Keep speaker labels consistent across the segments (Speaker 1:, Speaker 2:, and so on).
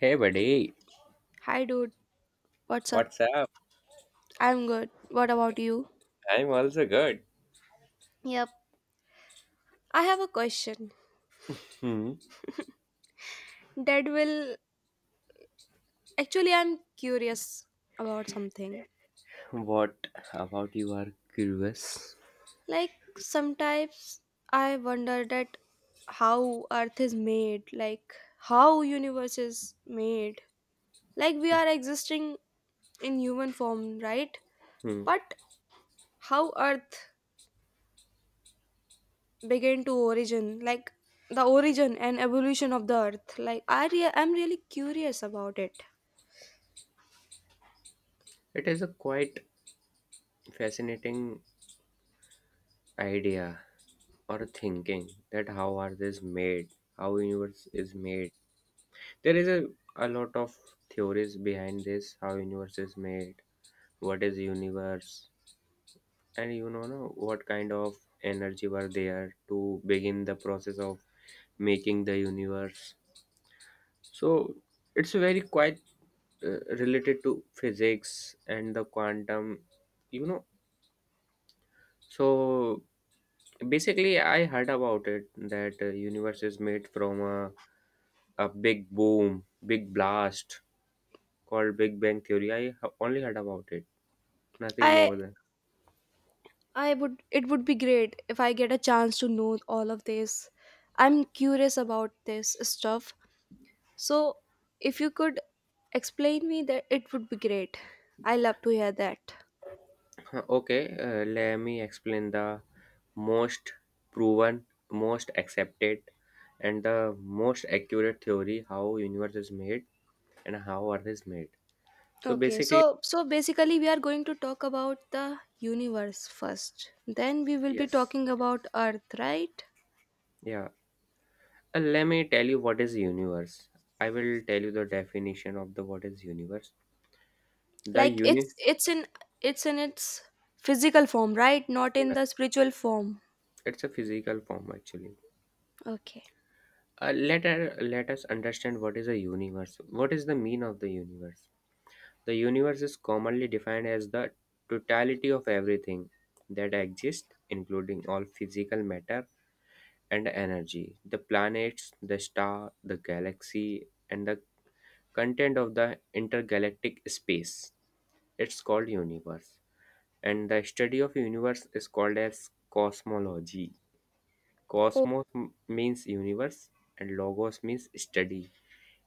Speaker 1: Hey, buddy,
Speaker 2: Hi, dude. What's up?
Speaker 1: what's up?
Speaker 2: I'm good. What about you?
Speaker 1: I'm also good.
Speaker 2: Yep. I have a question
Speaker 1: Hmm.
Speaker 2: that will. Actually, I'm curious about something.
Speaker 1: What about you are curious?
Speaker 2: Like, Sometimes I wonder that how Earth is made, like, how universe is made. Like, we are existing in human form, right?
Speaker 1: Hmm.
Speaker 2: But how Earth began to origin, like, the origin and evolution of the Earth. Like, I'm really curious about it.
Speaker 1: It is a quite fascinating idea or thinking that how are this made, how universe is made. There is a lot of theories behind this, how universe is made, what is universe, and no, what kind of energy were there to begin the process of making the universe. So it's very quite related to physics and the quantum, you know so basically I heard about it that universe is made from a big boom big blast called big bang theory. Only heard about it, nothing
Speaker 2: I
Speaker 1: more than...
Speaker 2: I would it would be great if I get a chance to know all of this. I'm curious about this stuff. So if you could explain me that it would be great. I love to hear that.
Speaker 1: Huh, okay, let me explain the most proven, most accepted, and the most accurate theory how universe is made and how earth is made. So
Speaker 2: Okay,
Speaker 1: basically,
Speaker 2: so basically we are going to talk about the universe first. Then we will be
Speaker 1: yes,
Speaker 2: talking about earth, right?
Speaker 1: yeah. Let me tell you what is universe. I will tell you the definition of the what is universe. The
Speaker 2: Like
Speaker 1: uni,
Speaker 2: it's in it's in its physical form, right? Not in
Speaker 1: yeah,
Speaker 2: the spiritual form.
Speaker 1: it's a physical form actually.
Speaker 2: Okay.
Speaker 1: Let us understand what is a universe. What is the mean of the universe? The universe is commonly defined as the totality of everything that exists, including all physical matter and energy, the planets, the star, the galaxy, and the content of the intergalactic space. It's called universe, and the study of universe is called as cosmology.
Speaker 2: Oh,
Speaker 1: Means universe, and logos means study.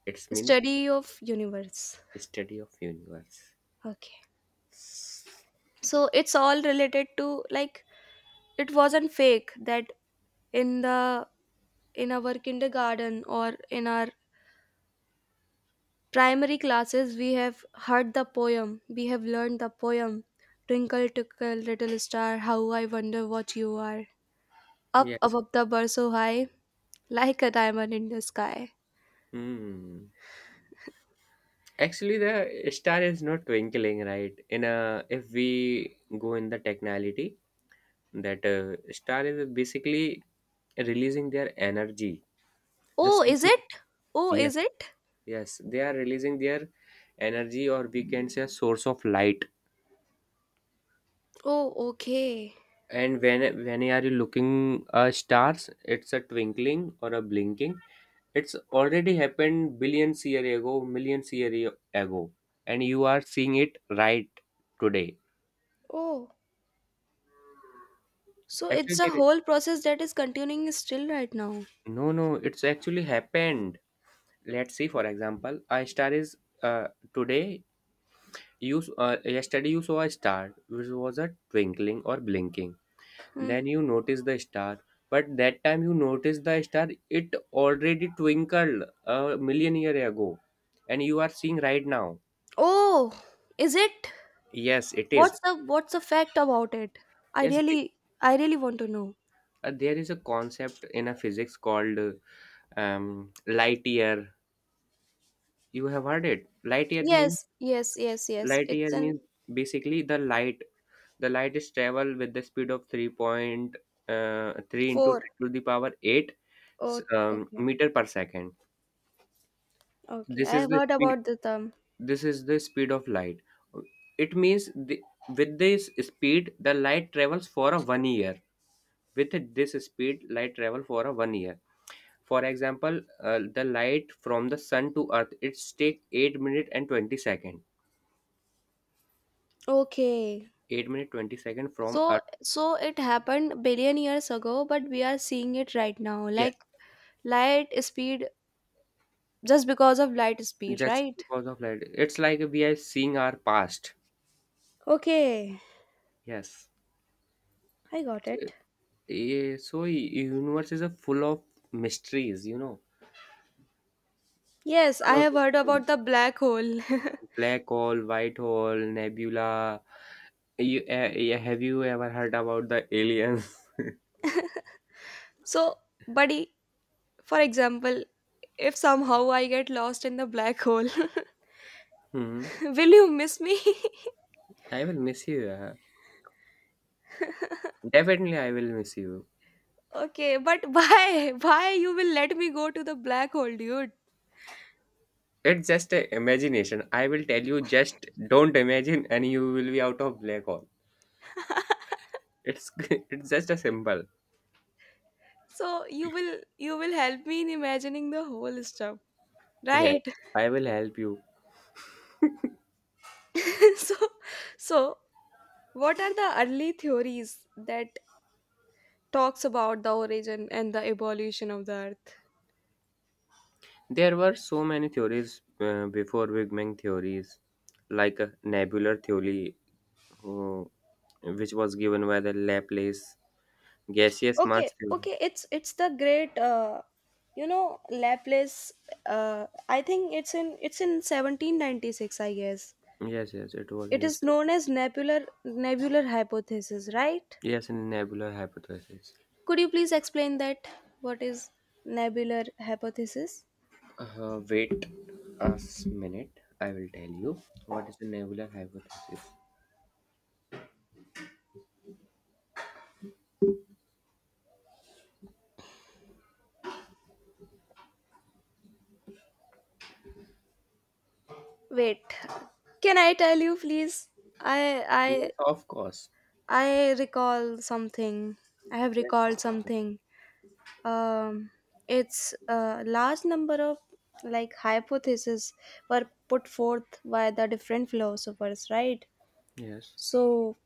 Speaker 1: It means
Speaker 2: study of universe.
Speaker 1: study of universe.
Speaker 2: Okay. So it's all related to like it wasn't fake that in the in our kindergarten or in our primary classes we have heard the poem, we have learned the poem, twinkle twinkle little star, how I wonder what you are, up
Speaker 1: Yes.
Speaker 2: above the bar so high, like a diamond in the sky.
Speaker 1: Hmm. Actually, the star is not twinkling, right? In a, if we go in the technicality, that star is basically releasing their energy. The
Speaker 2: Oh, is
Speaker 1: source
Speaker 2: it?
Speaker 1: of...
Speaker 2: Oh,
Speaker 1: yes,
Speaker 2: is it?
Speaker 1: yes, they are releasing their energy, or we can say a source of light.
Speaker 2: Oh, okay.
Speaker 1: And when you are looking stars? It's a twinkling or a blinking. It's already happened billions year ago, ago, and you are seeing it right today.
Speaker 2: Oh, so
Speaker 1: Actually,
Speaker 2: it's a
Speaker 1: there is...
Speaker 2: whole process that is continuing still right now.
Speaker 1: no, no, it's actually happened. Let's see. For example, a star is, uh, today. Yesterday you saw a star which was a twinkling or blinking.
Speaker 2: Hmm.
Speaker 1: Then you notice the star. But that time you notice the star, it already twinkled a million year ago, and you are seeing right now.
Speaker 2: Oh, is it?
Speaker 1: Yes, it is.
Speaker 2: What's the fact about it? I
Speaker 1: Yes, th-
Speaker 2: really I really want to know.
Speaker 1: there is a concept in a physics called light year. You have heard it.
Speaker 2: Yes, yes, yes, yes.
Speaker 1: Light
Speaker 2: It's
Speaker 1: year
Speaker 2: in
Speaker 1: means basically the light. The light is travel with the speed of 3 point three into
Speaker 2: four.
Speaker 1: 10 to the power eight,
Speaker 2: Oh, okay,
Speaker 1: meter per second.
Speaker 2: okay.
Speaker 1: This
Speaker 2: I
Speaker 1: is
Speaker 2: have
Speaker 1: the
Speaker 2: heard
Speaker 1: speed
Speaker 2: about the term.
Speaker 1: this is the speed of light. It means the, with this speed the light travels for a 1 year. With this speed light travel for a 1 year For example, the light from the sun to earth, it's take 8 minute and 20 second.
Speaker 2: Okay.
Speaker 1: 8 minute 20-second from
Speaker 2: So
Speaker 1: earth.
Speaker 2: so it happened billion years ago, but we are seeing it right now.
Speaker 1: Yes,
Speaker 2: Like light speed, just because of light speed,
Speaker 1: just
Speaker 2: right?
Speaker 1: because of light, it's like we are seeing our past.
Speaker 2: Okay,
Speaker 1: Yes,
Speaker 2: I got
Speaker 1: so,
Speaker 2: it.
Speaker 1: so universe is a full of mysteries, you know,
Speaker 2: Yes,
Speaker 1: a
Speaker 2: I
Speaker 1: lot
Speaker 2: have
Speaker 1: of
Speaker 2: heard about
Speaker 1: mysteries.
Speaker 2: the black hole.
Speaker 1: Black hole, white hole, nebula. You, yeah, have you ever heard about the aliens?
Speaker 2: So, buddy, for example, if somehow I get lost in the black hole.
Speaker 1: Hmm.
Speaker 2: Will you miss me?
Speaker 1: I will miss you. Yeah. Definitely, I will miss you.
Speaker 2: Okay, but why? Why you will let me go to the black hole, dude?
Speaker 1: It's just a imagination. I will tell you, just don't imagine, and you will be out of black hole. It's it's just a symbol.
Speaker 2: So you will help me in imagining the whole stuff,
Speaker 1: Yes,
Speaker 2: right?
Speaker 1: I will help you.
Speaker 2: so so what are the early theories that talks about the origin and the evolution of the earth?
Speaker 1: There were so many theories before Big Bang theories, like a nebular theory, uh, which was given by the Laplace gaseous
Speaker 2: Okay,
Speaker 1: mass theory.
Speaker 2: okay, it's the great you know Laplace, I think it's in 1796 I guess.
Speaker 1: Yes, yes, it was
Speaker 2: It
Speaker 1: in...
Speaker 2: is known as nebular hypothesis, right?
Speaker 1: yes, in nebular hypothesis.
Speaker 2: Could you please explain that? What is nebular hypothesis?
Speaker 1: Wait a minute. I will tell you what is the nebular hypothesis.
Speaker 2: Wait, can I tell you, please? I I
Speaker 1: Yes, of course.
Speaker 2: I recall something. I have recalled
Speaker 1: Yes.
Speaker 2: something. Um, it's a large number of like hypotheses were put forth by the different philosophers, right?
Speaker 1: Yes.
Speaker 2: So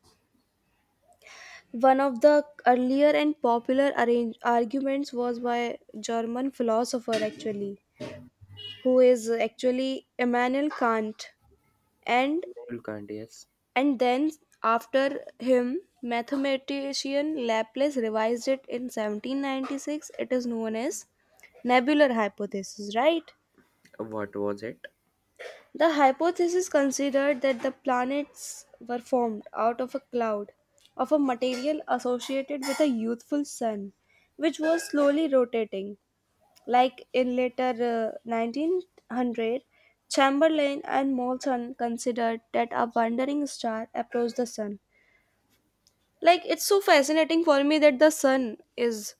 Speaker 2: one of the earlier and popular arguments was by German philosopher actually, who is actually Immanuel Kant, and
Speaker 1: You can't. Yes.
Speaker 2: and then after him, mathematician Laplace revised it in 1796. It is known as nebular hypothesis, right?
Speaker 1: What was it?
Speaker 2: The hypothesis considered that the planets were formed out of a cloud of a material associated with a youthful sun, which was slowly rotating. Like in later 1900, Chamberlain and Molson considered that a wandering star approached the sun. Like it's so fascinating for me that the sun is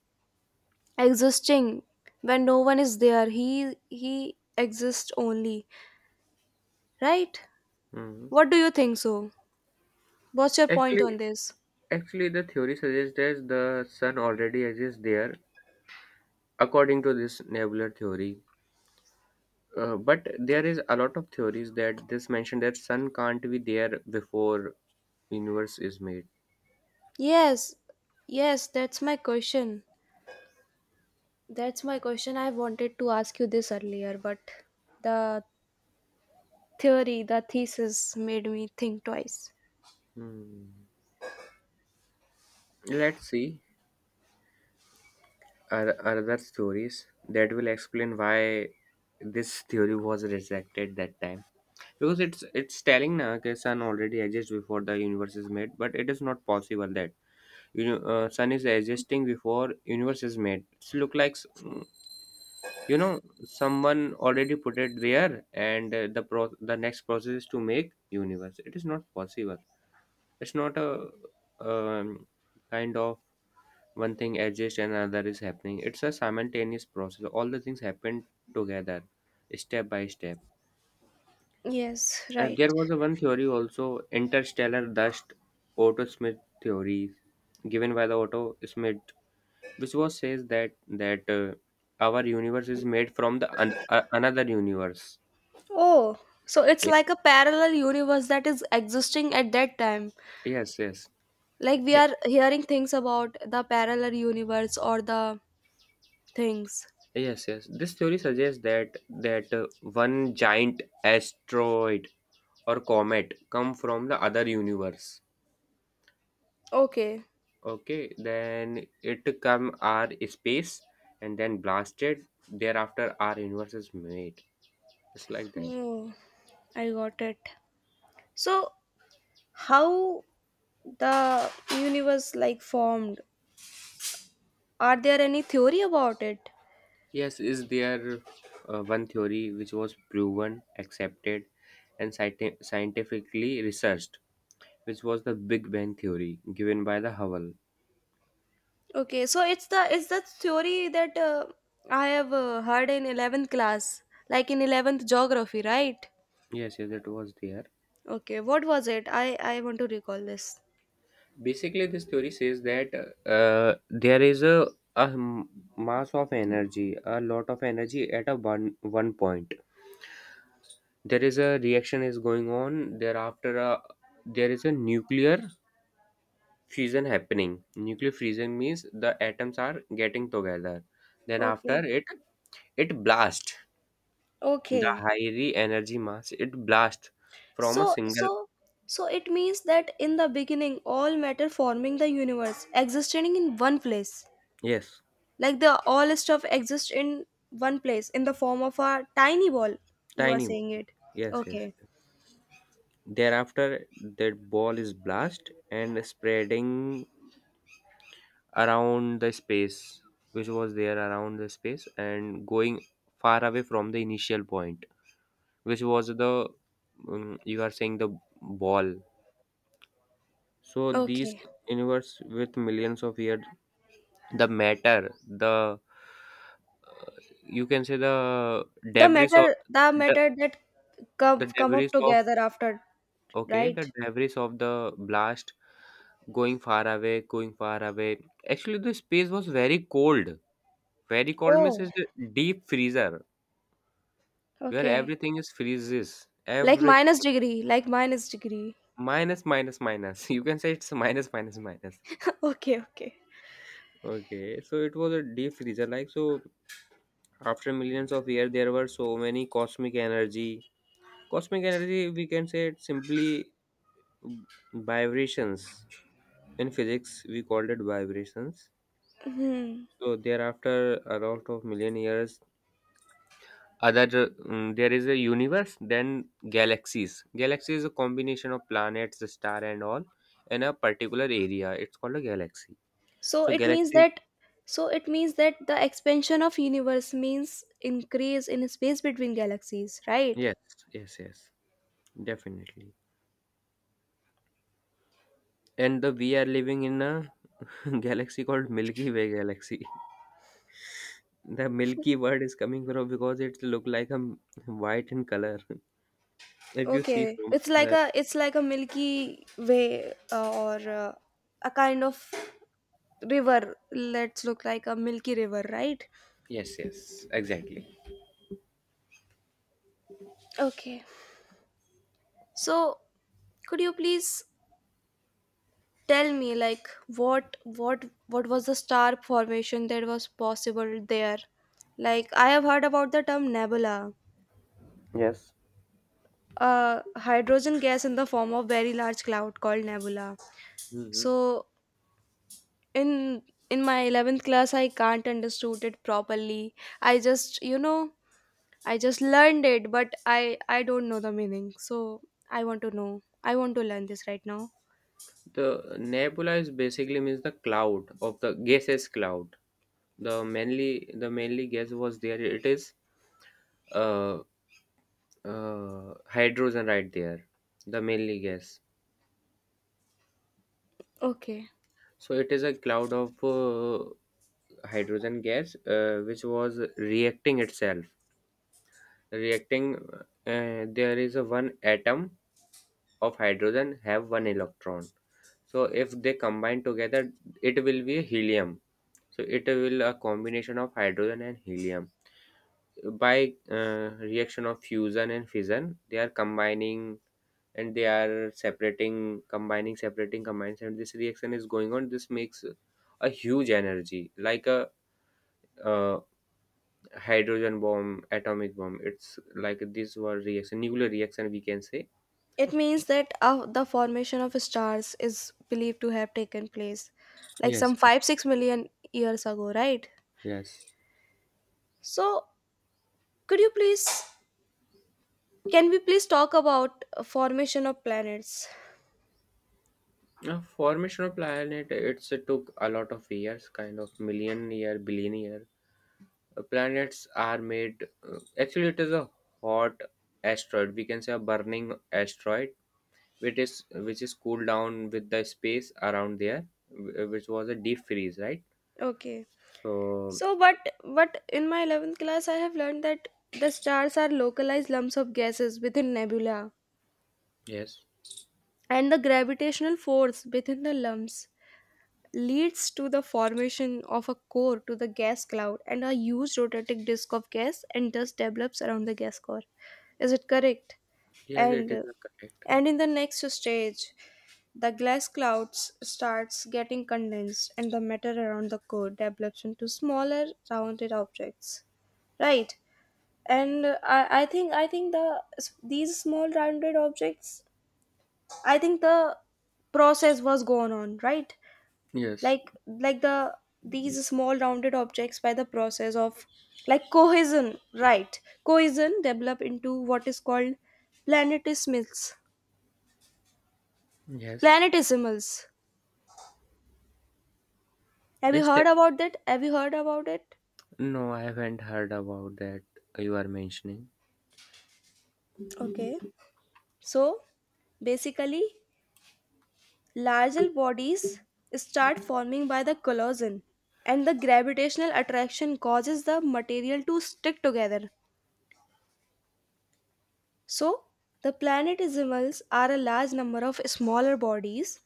Speaker 2: existing when no one is there. He exists only, right?
Speaker 1: Hmm.
Speaker 2: What do you think so? What's your point on
Speaker 1: Actually,
Speaker 2: this?
Speaker 1: actually, the theory suggests that the sun already exists there, according to this nebular theory. But there is a lot of theories that this mention that sun can't be there before universe is made.
Speaker 2: Yes, yes, that's my question. That's my question. I wanted to ask you this earlier, but the theory, the thesis made me think twice.
Speaker 1: Hmm. Let's see. Are other theories that will explain why this theory was rejected that time, because it's telling na that sun already exists before the universe is made, but it is not possible that, you know, sun is existing before universe is made. It's look like you know, someone already put it there, and the next process is to make universe. It is not possible. It's not a, um, kind of, one thing exists and another is happening. It's a simultaneous process. All the things happen together, step by step.
Speaker 2: Yes,
Speaker 1: And
Speaker 2: right.
Speaker 1: there was a one theory also, interstellar dust, Otto Smith theory, given by the Otto Smith, which was says that that our universe is made from another universe.
Speaker 2: Oh, so it's
Speaker 1: Ye-
Speaker 2: like a parallel universe that is existing at that time.
Speaker 1: Yes, yes.
Speaker 2: Like we
Speaker 1: He-
Speaker 2: are hearing things about the parallel universe or the things.
Speaker 1: Yes, yes. This theory suggests that that one giant asteroid or comet come from the other universe.
Speaker 2: Okay.
Speaker 1: Okay, then it come our space and then blasted. Thereafter, our universe is made. It's like that.
Speaker 2: Oh, I got it. So, how the universe like formed, are there any theory about it?
Speaker 1: Yes, is there one theory which was proven, accepted, and scientifically researched, which was the Big Bang theory given by the Hubble.
Speaker 2: Okay, so it's the theory that I have heard in 11th class, like in 11th geography, right?
Speaker 1: Yes, yes, it was there.
Speaker 2: Okay, what was it? I want to recall this.
Speaker 1: Basically, this theory says that there is a mass of energy, a lot of energy at a one point. There is a reaction is going on. Thereafter, a, there is a nuclear fusion happening. Nuclear fusion means the atoms are getting together, then after
Speaker 2: Okay.
Speaker 1: it, it blast. The
Speaker 2: Okay.
Speaker 1: high energy mass, it blast from
Speaker 2: so
Speaker 1: a
Speaker 2: so
Speaker 1: single...
Speaker 2: so it means that in the beginning all matter forming the universe existing in one place.
Speaker 1: Yes.
Speaker 2: Like the all stuff exists in one place in the form of a tiny ball. You are
Speaker 1: Tiny ball.
Speaker 2: saying it.
Speaker 1: Yes, yes.
Speaker 2: Okay.
Speaker 1: Thereafter, that ball is blast and spreading around the space, which was there around the space and going far away from the initial point, which was the, you are saying the ball. So these
Speaker 2: Okay.
Speaker 1: universe with millions of years, the matter, the, uh, you can say the
Speaker 2: The
Speaker 1: debris of
Speaker 2: matter, the
Speaker 1: the,
Speaker 2: matter that come
Speaker 1: the
Speaker 2: come
Speaker 1: debris
Speaker 2: up
Speaker 1: of...
Speaker 2: together after,
Speaker 1: okay, the
Speaker 2: right?
Speaker 1: debris of the blast going far away, going far away. Actually the space was very cold. Very cold means
Speaker 2: Oh,
Speaker 1: is a deep freezer, where
Speaker 2: okay.
Speaker 1: everything is freezes.
Speaker 2: Like
Speaker 1: Every
Speaker 2: minus degree, like minus degree.
Speaker 1: minus, minus, minus you can say it's minus, minus, minus.
Speaker 2: Okay, okay.
Speaker 1: Okay, so it was a deep freezer. Like, so after millions of years, there were so many cosmic energy. Cosmic energy, we can say it simply, vibrations. In physics, we called it vibrations.
Speaker 2: Hmm.
Speaker 1: So thereafter, a lot of million years, there is a universe, then galaxies. Galaxy is a combination of planets, the star, and all in a particular area. It's called a galaxy.
Speaker 2: So
Speaker 1: So
Speaker 2: it means
Speaker 1: galaxy,
Speaker 2: that so it means that the expansion of universe means increase in space between galaxies, right?
Speaker 1: yes, yes, yes, definitely. And the we are living in a galaxy called Milky Way galaxy. The Milky word is coming from because it look like a white in color. If you see
Speaker 2: Okay,
Speaker 1: from other...
Speaker 2: it's like a Milky Way or a kind of river. Let's look like a Milky River, right?
Speaker 1: Yes, yes, exactly.
Speaker 2: Okay. So, could you please tell me like what was the star formation that was possible there? Like I have heard about the term nebula,
Speaker 1: Yes.
Speaker 2: a hydrogen gas in the form of very large cloud called nebula.
Speaker 1: Mhm.
Speaker 2: So, in in my 11th class I can't understood it properly, I just I just learned it but I don't know the meaning, so I want to know, I want to learn this right now.
Speaker 1: The nebula is basically means the cloud of the gaseous cloud. The mainly gas was there. It is uh, hydrogen right there. The mainly gas.
Speaker 2: Okay,
Speaker 1: So it is a cloud of hydrogen gas, which was reacting itself, reacting, there is a one atom of hydrogen have one electron. So if they combine together, it will be a helium. So it will a combination of hydrogen and helium by reaction of fusion and fission, they are combining and they are separating, combining, separating, combines, and this reaction is going on. This makes a huge energy like a, uh, hydrogen bomb, atomic bomb. It's like these were reaction, nuclear reaction we can say.
Speaker 2: it means that the formation of stars is believed to have taken place like some
Speaker 1: Yes,
Speaker 2: 5 6 million years ago, right?
Speaker 1: yes.
Speaker 2: So could you please, can we please talk about formation of planets?
Speaker 1: Now, formation of planet, it's, it took a lot of years, kind of million year, billion year. Planets are made. Actually, it is a hot asteroid. We can say a burning asteroid, which is, which is cooled down with the space around there, which was a deep freeze, right?
Speaker 2: Okay.
Speaker 1: So,
Speaker 2: So, but in my 11th class, I have learned that the stars are localized lumps of gases within nebula,
Speaker 1: yes,
Speaker 2: and the gravitational force within the lumps leads to the formation of a core to the gas cloud, and a huge rotating disk of gas and dust develops around the gas core. Is it correct?
Speaker 1: yes, it
Speaker 2: And
Speaker 1: is
Speaker 2: uh,
Speaker 1: correct.
Speaker 2: and in the next stage, the glass clouds starts getting condensed, and the matter around the core develops into smaller rounded objects. Right? And I think the these small rounded objects, I think the process was going on, right?
Speaker 1: Yes.
Speaker 2: like like the these small rounded objects by the process of like cohesion, right, cohesion develop into what is called planetesimals.
Speaker 1: Yes,
Speaker 2: Planetesimals, have you
Speaker 1: yes.
Speaker 2: heard about that? Have you heard about it?
Speaker 1: No, I haven't heard about that you are mentioning.
Speaker 2: Okay, so basically larger bodies start forming by the collision, and the gravitational attraction causes the material to stick together. So, the planetesimals are a large number of smaller bodies.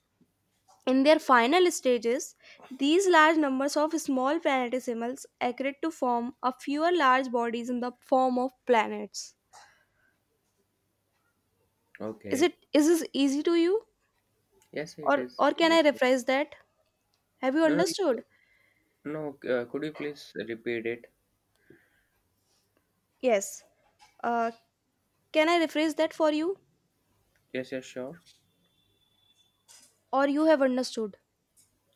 Speaker 2: In their final stages, these large numbers of small planetesimals accrete to form a fewer large bodies in the form of planets. Is
Speaker 1: Okay.
Speaker 2: it, is this easy to you,
Speaker 1: Yes, it is.
Speaker 2: or
Speaker 1: Is
Speaker 2: can I
Speaker 1: it?
Speaker 2: rephrase that? Have you
Speaker 1: No, no,
Speaker 2: understood?
Speaker 1: you, no. Could you please repeat it?
Speaker 2: Yes. Uh, can I rephrase that for you?
Speaker 1: Yes, yes, sure.
Speaker 2: Or you have understood.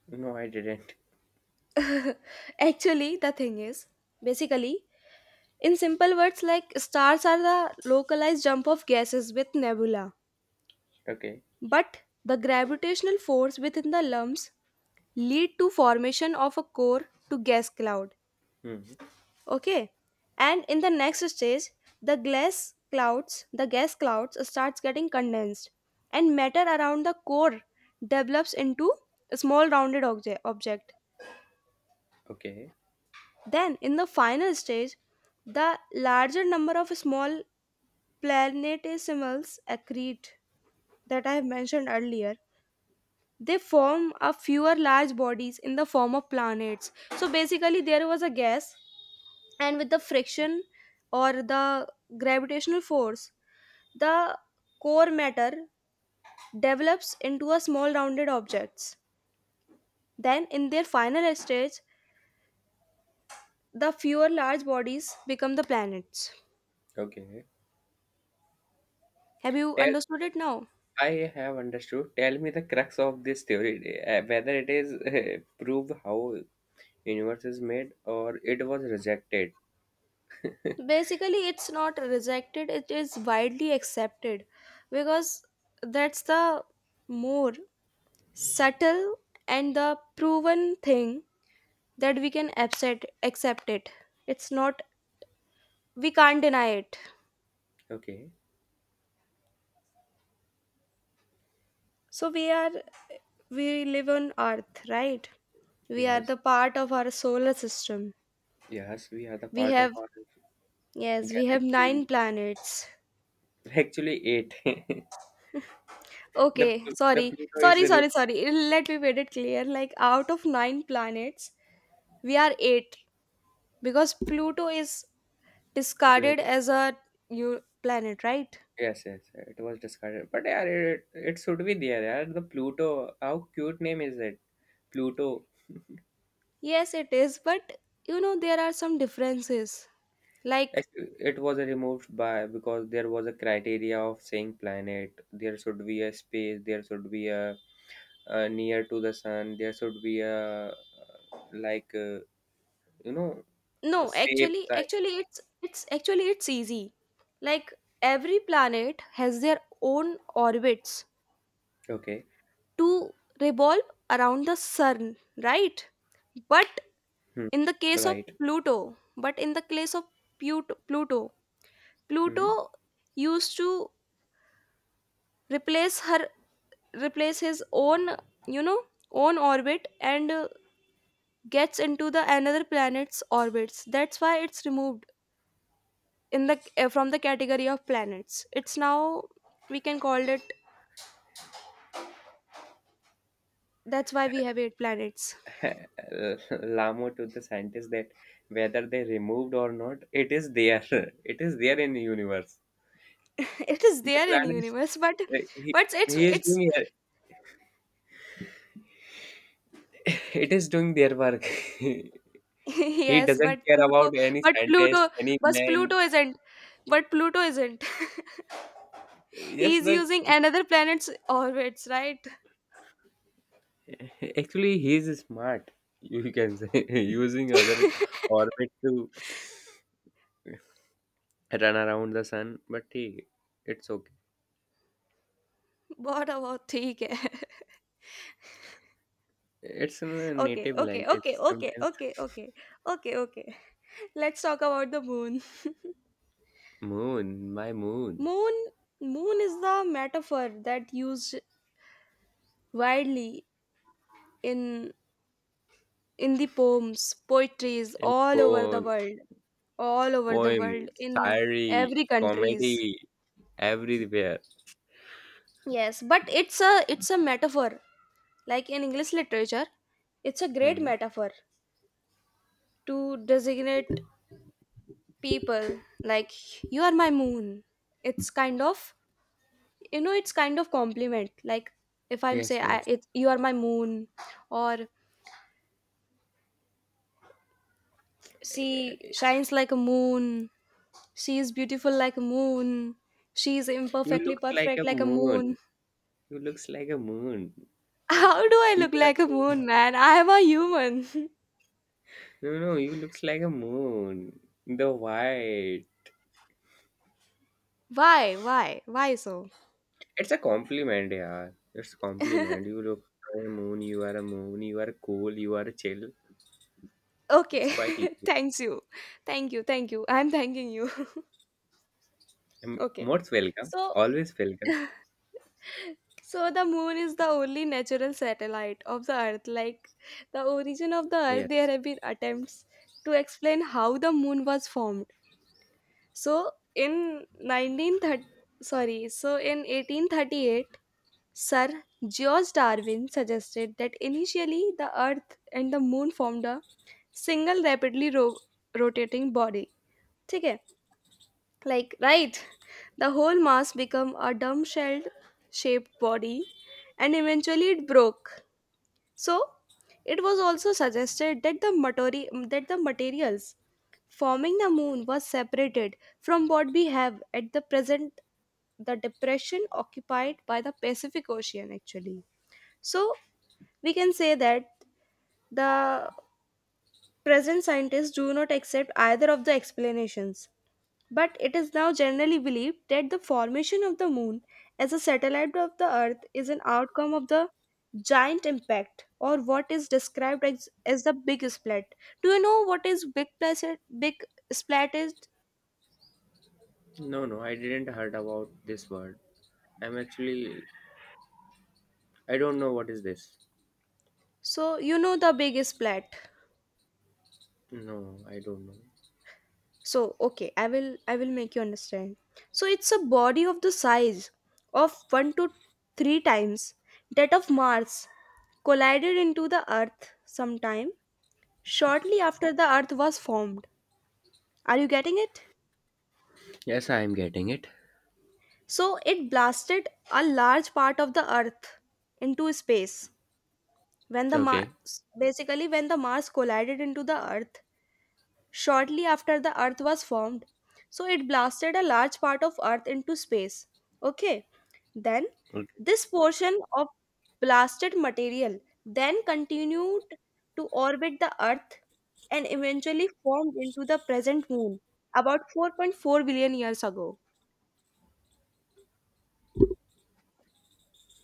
Speaker 1: No, I didn't.
Speaker 2: Actually, the thing is, basically, in simple words, like stars are the localized jump of gases with nebula,
Speaker 1: Okay.
Speaker 2: but the gravitational force within the lumps lead to formation of a core to gas cloud.
Speaker 1: Hmm.
Speaker 2: Okay, and in the next stage, the glass clouds, the gas clouds starts getting condensed, and matter around the core develops into a small rounded object.
Speaker 1: Okay.
Speaker 2: Then, in the final stage, the larger number of small planetesimals accrete that I have mentioned earlier. They form a fewer large bodies in the form of planets. So basically, there was a gas, and with the friction or the gravitational force, the core matter develops into a small rounded objects. Then, in their final stage, the fewer large bodies become the planets.
Speaker 1: Okay.
Speaker 2: Have you
Speaker 1: Tell.
Speaker 2: understood it now?
Speaker 1: I have understood. Tell me the crux of this theory, whether it is proved how universe is made or it was rejected.
Speaker 2: Basically it's not rejected, it is widely accepted, because that's the more subtle and the proven thing that we can accept it. It's not, we can't deny it.
Speaker 1: Okay.
Speaker 2: So we are, we live on earth, right? We are
Speaker 1: Yes.
Speaker 2: the part of our solar system.
Speaker 1: Yes, we are the
Speaker 2: We
Speaker 1: part of
Speaker 2: have,
Speaker 1: our
Speaker 2: yes, we have
Speaker 1: galaxy.
Speaker 2: nine planets.
Speaker 1: Actually, eight.
Speaker 2: Okay,
Speaker 1: The
Speaker 2: sorry,
Speaker 1: Pluto is
Speaker 2: sorry,
Speaker 1: the
Speaker 2: sorry, sorry, let me make it clear, like out of nine planets, we are eight because Pluto is
Speaker 1: re-
Speaker 2: discarded as a new planet, right?
Speaker 1: yes, yes, it was discarded, but yeah, it should be there. Yeah, the Pluto, how cute name is it, Pluto.
Speaker 2: Yes, it is, but you know there are some differences. Like
Speaker 1: It was removed by because there was a criteria of saying planet. There should be a space, there should be a near to the sun, there should be a, like uh, you know,
Speaker 2: no,
Speaker 1: shape
Speaker 2: actually,
Speaker 1: type.
Speaker 2: actually it's actually it's easy. Like every planet has their own orbits
Speaker 1: Okay.
Speaker 2: to revolve around the sun, right? But
Speaker 1: Hmm.
Speaker 2: in the case of
Speaker 1: Right.
Speaker 2: Pluto, but in the case of Put- Pluto,
Speaker 1: Hmm.
Speaker 2: Pluto used to replace her replace his own you know own orbit, and gets into the another planet's orbits. That's why it's removed in the from the category of planets. It's now we can call it, that's why we have eight planets.
Speaker 1: Lamo to the scientists that whether they removed or not, it is there. It is there in the universe.
Speaker 2: It is
Speaker 1: The
Speaker 2: there in
Speaker 1: planet,
Speaker 2: universe, but
Speaker 1: uh, he,
Speaker 2: but it's
Speaker 1: he is
Speaker 2: it's
Speaker 1: doing it is doing their work. He
Speaker 2: yes,
Speaker 1: doesn't care about any
Speaker 2: but
Speaker 1: scientist,
Speaker 2: pluto
Speaker 1: any
Speaker 2: but
Speaker 1: man.
Speaker 2: pluto isn't— but pluto isn't
Speaker 1: Yes,
Speaker 2: he's
Speaker 1: the
Speaker 2: using another planet's orbits, right?
Speaker 1: actually he is smart. You can say using other orbit to run around the sun, but he, it's okay.
Speaker 2: बहुत बहुत ठीक है।
Speaker 1: It's in a
Speaker 2: okay
Speaker 1: native
Speaker 2: okay
Speaker 1: language.
Speaker 2: Okay okay
Speaker 1: Sometimes
Speaker 2: okay okay okay okay let's talk about the moon.
Speaker 1: moon, my moon.
Speaker 2: moon moon is the metaphor that used widely in in the poems, poetries
Speaker 1: in
Speaker 2: all over the
Speaker 1: po-
Speaker 2: world,
Speaker 1: poem,
Speaker 2: in
Speaker 1: diary,
Speaker 2: every countries.
Speaker 1: comedy, everywhere.
Speaker 2: Yes, but it's a metaphor. Like in English literature, it's a great
Speaker 1: Hmm.
Speaker 2: metaphor to designate people, like you are my moon. It's kind of you know it's kind of compliment. Like if I'm
Speaker 1: Yes,
Speaker 2: say,
Speaker 1: yes.
Speaker 2: you are my moon, or she shines like a moon, she is beautiful like a moon, she is
Speaker 1: You
Speaker 2: imperfectly
Speaker 1: looks like
Speaker 2: perfect
Speaker 1: a
Speaker 2: like a moon.
Speaker 1: moon. You looks like a moon.
Speaker 2: How do I
Speaker 1: You
Speaker 2: look
Speaker 1: are,
Speaker 2: like a moon, man? I am a human.
Speaker 1: no, no, you looks like a moon. The white.
Speaker 2: Why so?
Speaker 1: It's a compliment, yeah. It's a compliment. You look like a moon. You are a moon. You are cool. You are chill.
Speaker 2: Okay.
Speaker 1: It's quite easy.
Speaker 2: Thanks you. Thank you, thank you. I'm thanking you. Okay,
Speaker 1: Most welcome.
Speaker 2: so
Speaker 1: Always welcome.
Speaker 2: so the moon is the only natural satellite of the earth. Like the origin of the earth, there
Speaker 1: Yes.
Speaker 2: have been attempts to explain how the moon was formed. So in 1930, sorry, so in 1838, Sir George Darwin suggested that initially the earth and the moon formed a single rapidly rotating body. ठीक है? Like, right. The whole mass became a dumb-shelled shaped body, and eventually it broke. So, it was also suggested that the, that the materials forming the moon was separated from what we have at the present, the depression occupied by the Pacific Ocean. Actually, so we can say that the present scientists do not accept either of the explanations. But it is now generally believed that the formation of the moon as a satellite of the earth is an outcome of the giant impact, or what is described as the big splat. Do you know what is big placid, big splat is?
Speaker 1: No, no, I didn't heard about this word. I'm actually, I don't know what is this.
Speaker 2: So you know the big splat.
Speaker 1: No, I don't know.
Speaker 2: So okay, I will make you understand. So it's a body of the size of 1 to 3 times that of Mars, collided into the earth sometime shortly after the earth was formed. Are you getting it?
Speaker 1: Yes, I am getting it.
Speaker 2: So it blasted a large part of the Earth into space when the
Speaker 1: Okay.
Speaker 2: Mars, basically when the Mars collided into the Earth shortly after the Earth was formed. So it blasted a large part of Earth into space. Okay. Then
Speaker 1: Okay.
Speaker 2: this portion of blasted material then continued to orbit the Earth, and eventually formed into the present moon about 4.4 billion years ago.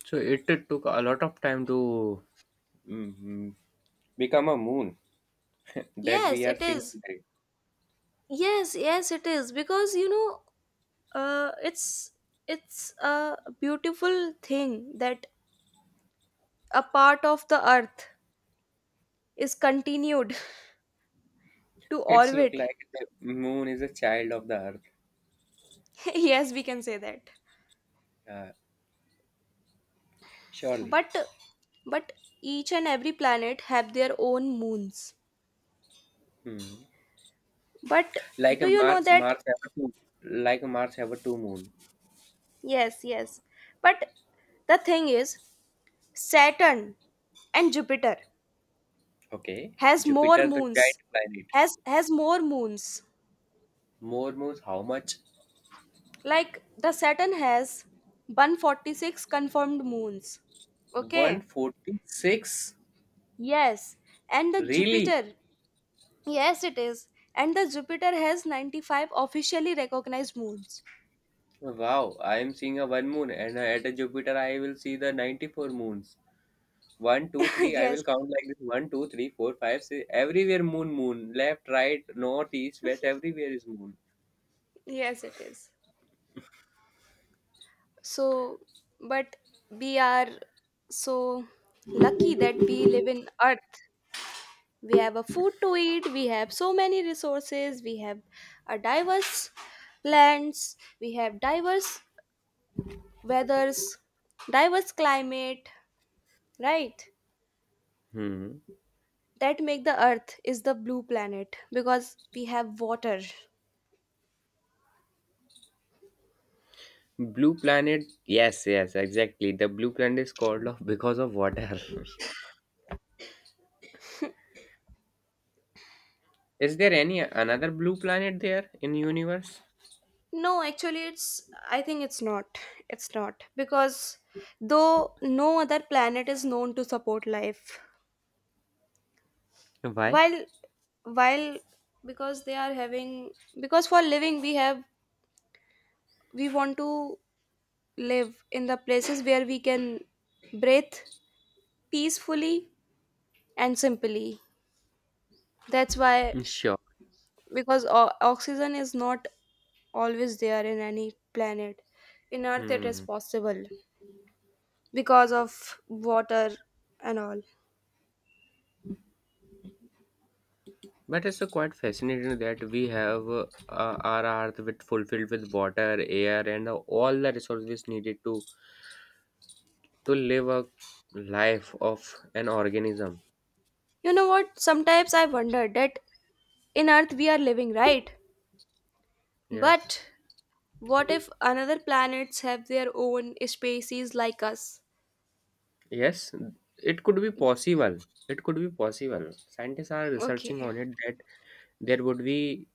Speaker 1: So it took a lot of time to, mm, mm, become a moon that
Speaker 2: Yes,
Speaker 1: we are
Speaker 2: it
Speaker 1: seeing
Speaker 2: is.
Speaker 1: today.
Speaker 2: Yes, yes, it is, because you know, uh, it's it's a beautiful thing that a part of the Earth is continued to
Speaker 1: It's look
Speaker 2: orbit.
Speaker 1: like the moon is a child of the earth.
Speaker 2: Yes, we can say that.
Speaker 1: Uh, Surely.
Speaker 2: But but each and every planet have their own moons.
Speaker 1: Hmm.
Speaker 2: But
Speaker 1: Like
Speaker 2: do
Speaker 1: a
Speaker 2: you know
Speaker 1: Mars,
Speaker 2: that?
Speaker 1: Mars have a two. Like a Mars have a two moon.
Speaker 2: Yes, yes. But the thing is, Saturn and Jupiter
Speaker 1: Okay.
Speaker 2: has more
Speaker 1: Jupiter, the giant
Speaker 2: moons.
Speaker 1: planet.
Speaker 2: Has more moons.
Speaker 1: More moons, how much?
Speaker 2: Like the Saturn has 146 confirmed moons. Okay.
Speaker 1: 146?
Speaker 2: Yes. And the
Speaker 1: Really?
Speaker 2: Jupiter. Yes, it is. And the Jupiter has 95 officially recognized moons.
Speaker 1: Wow, I am seeing a one moon, and at a Jupiter, I will see the 94 moons. One, two, three, I
Speaker 2: yes.
Speaker 1: will count like this: one, two, three, four, five, six. Everywhere, moon, moon. Left, right, north, east, west, everywhere is moon.
Speaker 2: Yes, it is. So, but we are so lucky that we live in Earth. We have a food to eat, we have so many resources, we have a diverse lands, we have diverse weathers, diverse climate, right?
Speaker 1: Hmm.
Speaker 2: That make the earth is the blue planet because we have water.
Speaker 1: Blue planet. Yes, yes, exactly. The blue planet is called off because of water. Is there any another blue planet there in universe?
Speaker 2: No, actually it's, I think it's not. It's not, because though no other planet is known to support life.
Speaker 1: Why?
Speaker 2: While while because they are having, because for living we want to live in the places where we can breathe peacefully and simply, that's why,
Speaker 1: Sure.
Speaker 2: because oxygen is not always there in any planet. In earth it is
Speaker 1: Hmm.
Speaker 2: possible because of water and all.
Speaker 1: But it's quite fascinating that we have our earth with fulfilled with water, air, and all the resources needed to live a life of an organism.
Speaker 2: You know what, sometimes I wonder that, in earth we are living, right?
Speaker 1: Yes,
Speaker 2: But what if another planets have their own species like us?
Speaker 1: yes, it could be possible. It could be possible. Scientists are researching
Speaker 2: Okay,
Speaker 1: on it that there would be.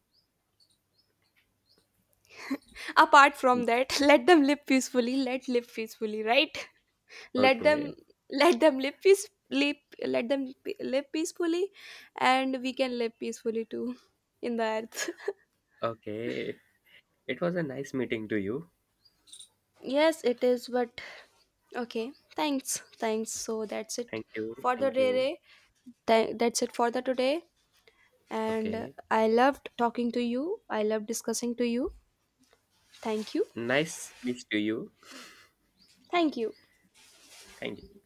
Speaker 2: apart from that, let them live peacefully, right. let them
Speaker 1: Okay,
Speaker 2: let them live peacefully, and we can live peacefully too in the earth.
Speaker 1: okay. It was a nice meeting to you.
Speaker 2: Yes, it is, but okay, thanks, so that's it
Speaker 1: Thank you.
Speaker 2: for the
Speaker 1: Thank
Speaker 2: day.
Speaker 1: you.
Speaker 2: That's it for the today, and
Speaker 1: Okay.
Speaker 2: I loved talking to you, I love discussing to you. Thank you.
Speaker 1: Nice speech to you.
Speaker 2: Thank you.
Speaker 1: Thank you.